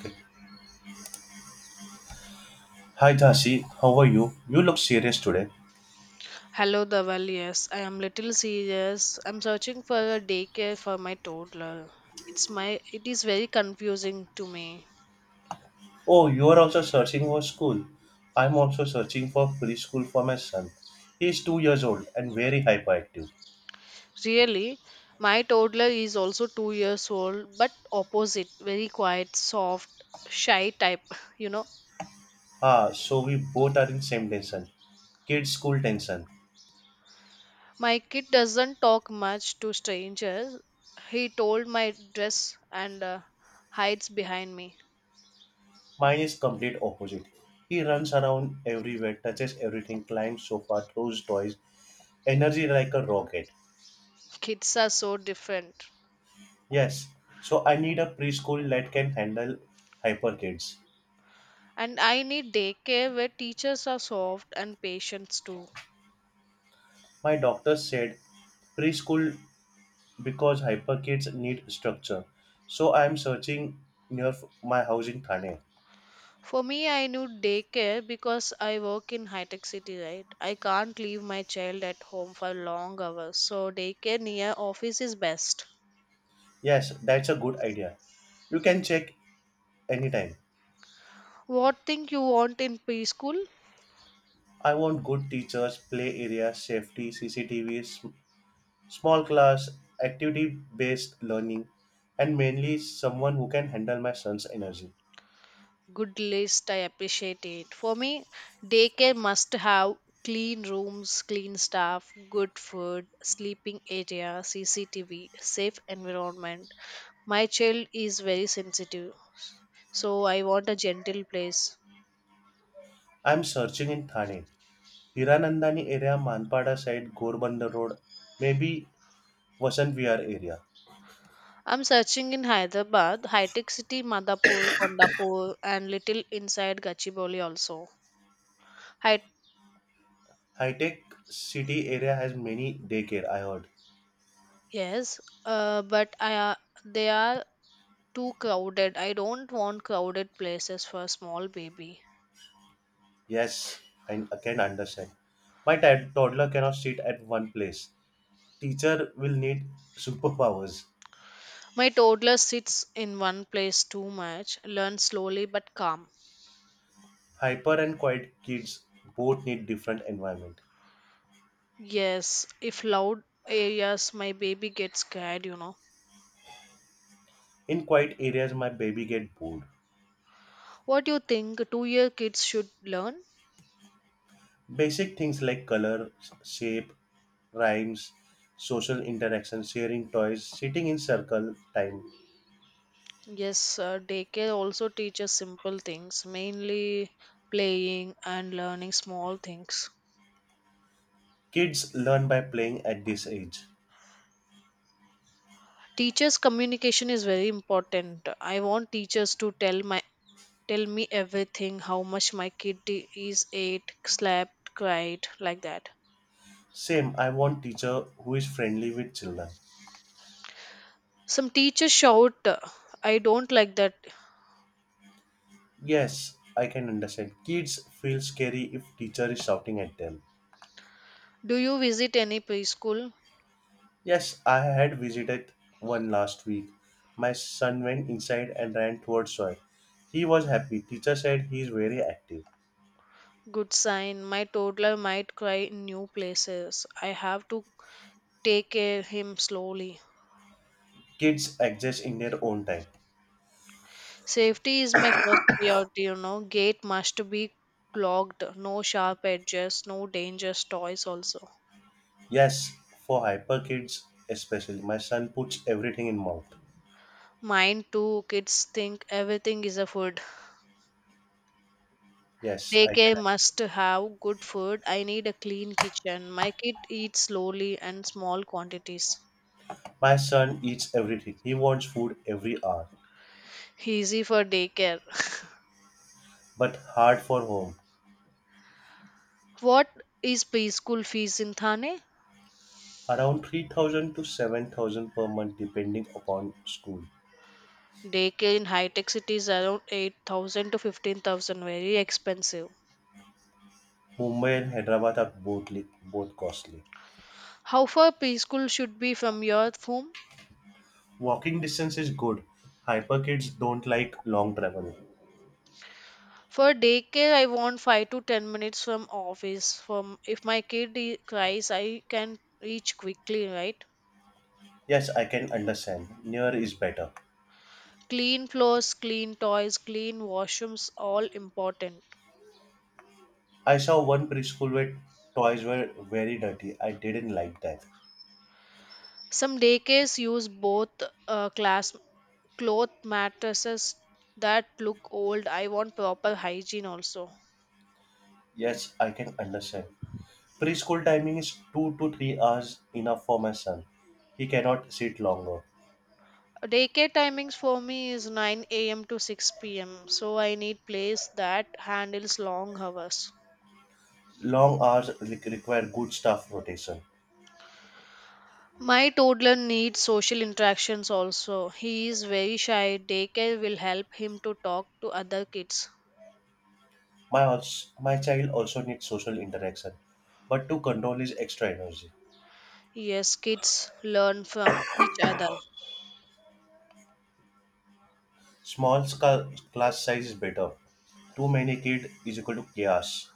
Okay. Hi Dasi, how are you? You look serious today. Hello, Dhaval. Yes, I am little serious. I'm searching for a daycare for my toddler. It's my it is very confusing to me. Oh, you are also searching for school. I'm also searching for preschool for my son. He is 2 years old and very hyperactive. Really, my toddler is also 2 years old but opposite, very quiet, soft, shy type, you know. Ah, so we both are in same tension. Kids school tension. My kid doesn't talk much to strangers. He told my Dress and hides behind me. Mine is complete opposite. He runs around everywhere, touches everything, climbs sofa, throws toys, energy like a rocket. Kids are so different. Yes, so I need a preschool that can handle hyper kids. And I need daycare where teachers are soft and patients too. My doctor said preschool because hyperkids need structure. So I am searching near my house in Thane. For me, I need daycare because I work in high tech city, right? I can't leave my child at home for long hours, so daycare near office is best. Yes, that's a good idea. You can check anytime. What thing you want in preschool? I want good teachers, play area, safety, CCTVs, small class, activity based learning, and mainly someone who can handle my son's energy. Good list, I appreciate it. For me, daycare must have clean rooms, clean staff, good food, sleeping area, CCTV, safe environment. My child is very sensitive, so I want a gentle place. I'm searching in Thane. Hiranandani area, Manpada side, Gorbanda Road, maybe Vasant Vihar area. I'm searching in Hyderabad, High Tech City, Madhapur, Kondapur, and little inside Gachibowli also. Hi- High tech city area has many daycare, I heard. yes, but I they are too crowded. I don't want crowded places for a small baby. Yes, I can understand. My toddler cannot sit at one place. Teacher will need superpowers. My toddler sits in one place too much, learns slowly but calm. Hyper and quiet kids both need different environment. Yes, if loud areas, my baby gets scared, you know. In quiet areas, my baby get bored. What do you think? 2 year kids should learn? Basic things like color, shape, rhymes, social interaction, sharing toys, sitting in circle time. Yes, daycare also teaches simple things, mainly playing and learning small things. Kids learn by playing at this age. Teachers' communication is very important. I want teachers to tell my Tell me everything, how much my kid I- is ate, slept, cried, like that. Same, I want teacher who is friendly with children. Some teachers shout, "I don't like that." Yes, I can understand. Kids feel scary if teacher is shouting at them. Do you visit any preschool? Yes, I had visited one last week. My son went inside and ran towards joy. He was happy. Teacher said he is very active. Good sign. My toddler might cry in new places. I have to take care him slowly. Kids adjust in their own time. Safety is my first priority, you know. Gate must be clogged, no sharp edges, no dangerous toys also. Yes, for hyper kids especially. My son puts everything in mouth. Mine too, kids think everything is a food. Yes, I Daycare can. must have good food. I need a clean kitchen. My kid eats slowly and small quantities. My son eats everything. He wants food every hour, Easy for daycare. but hard for home. What is preschool fees in Thane? Around 3,000 to 7,000 per month depending upon school. Daycare in high-tech cities around 8,000 to 15,000, very expensive. Mumbai and Hyderabad are both both costly. How far preschool should be from your home? Walking distance is good. Hyper kids don't like long travel. For daycare, I want 5 to 10 minutes from office. From if my cries, I can reach quickly, right? Yes, I can understand. Near is better. Clean floors, clean toys, clean washrooms, all important. I saw one preschool where toys were very dirty. I didn't like that. Some daycares use both class cloth mattresses that look old. I want proper hygiene also. Yes, I can understand. Preschool timing is 2 to 3 hours enough for my son. He cannot sit longer. Daycare timings for me is 9 a.m. to 6 p.m. So I need place that handles long hours. Long hours require good staff rotation. My toddler needs social interactions also. He is very shy. Daycare will help him to talk to other kids. My child also needs social interaction, but to control his extra energy. Yes, kids learn from each other. Small class size is better. Too many kid is equal to chaos.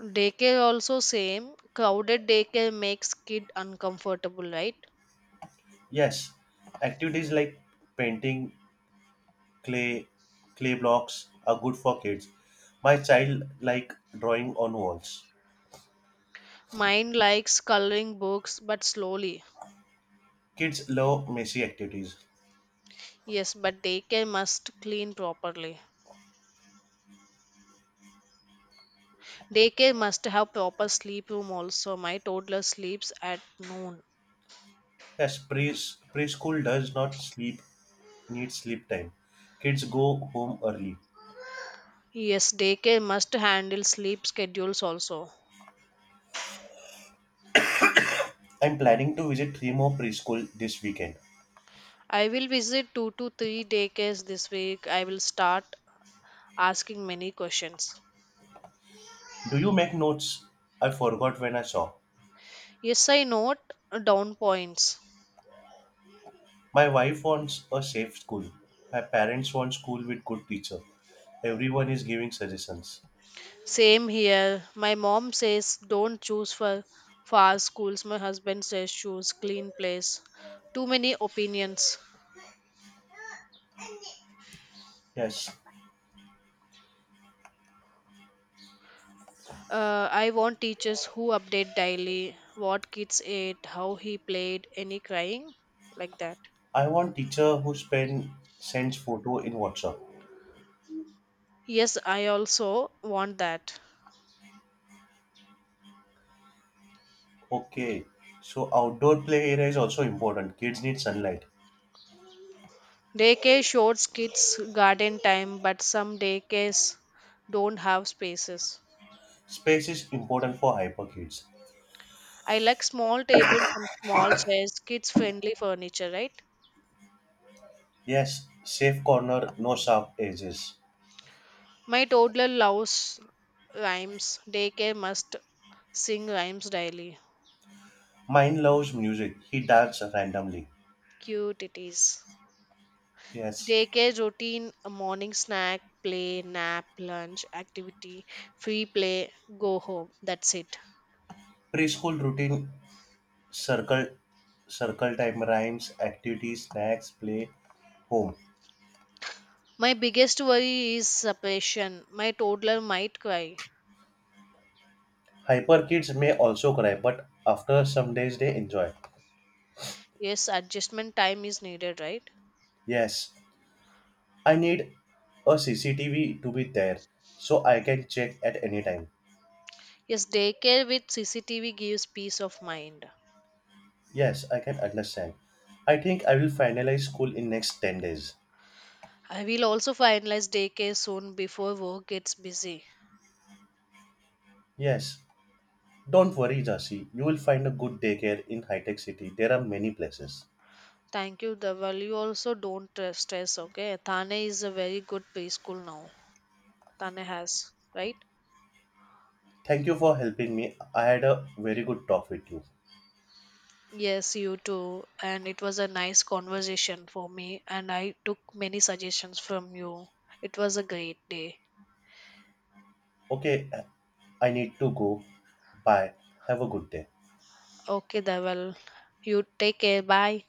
Daycare also same. Crowded daycare makes kid uncomfortable, right? Yes, activities like painting, clay, clay blocks are good for kids. My child like drawing on walls. Mine likes coloring books but slowly. Kids love messy activities. Yes, but daycare must clean properly. Daycare must have proper sleep room also. My toddler sleeps at noon. Yes, pre- preschool does not sleep need sleep time. Kids go home early. Yes, daycare must handle sleep schedules also. I'm planning to visit three more preschool this weekend. I will visit 2 to 3 daycares this week. I will start asking many questions. Do you make notes? I forgot when I saw. Yes, I note down points. My wife wants a safe school. My parents want school with good teacher. Everyone is giving suggestions. Same here. My mom says don't choose for fast schools. My husband says choose clean place. Too many opinions. Yes, I want teachers who update daily what kids ate, how he played, any crying, like that. I want teacher who spend sends photo in WhatsApp. Yes, I also want that. Okay, so outdoor play area is also important. Kids need sunlight. Daycare shows kids garden time, but some daycares don't have spaces. Space is important for hyper kids. I like small tables and small chairs, kids friendly furniture, right? Yes, safe corner, no sharp edges. My toddler loves rhymes. Daycare must sing rhymes daily. Mine loves music. He dances randomly. Cute it is. Yes, Daycare routine a morning snack, play, nap, lunch, activity, free play, go home. That's it. preschool routine, circle circle time, rhymes, activities, snacks, play, home. My biggest worry is separation. My toddler might cry. Hyper kids may also cry, but after some days they enjoy. Yes, adjustment time is needed, right? Yes, I need a cctv to be there so I can check at any time. Yes, daycare with CCTV gives peace of mind. Yes, I can understand. I think I will finalize school in next 10 days. I will also finalize daycare soon before work gets busy. Yes, don't worry Jasi, you will find a good daycare in high tech city. There are many places. Thank you, Dhaval. You also don't stress, okay? Thane is a very good preschool now. Thane has, right? Thank you for helping me. I had a very good talk with you. Yes, you too. And it was a nice conversation for me, and I took many suggestions from you. It was a great day. Okay, I need to go. Bye. Have a good day. Okay, Dhaval. You take care. Bye.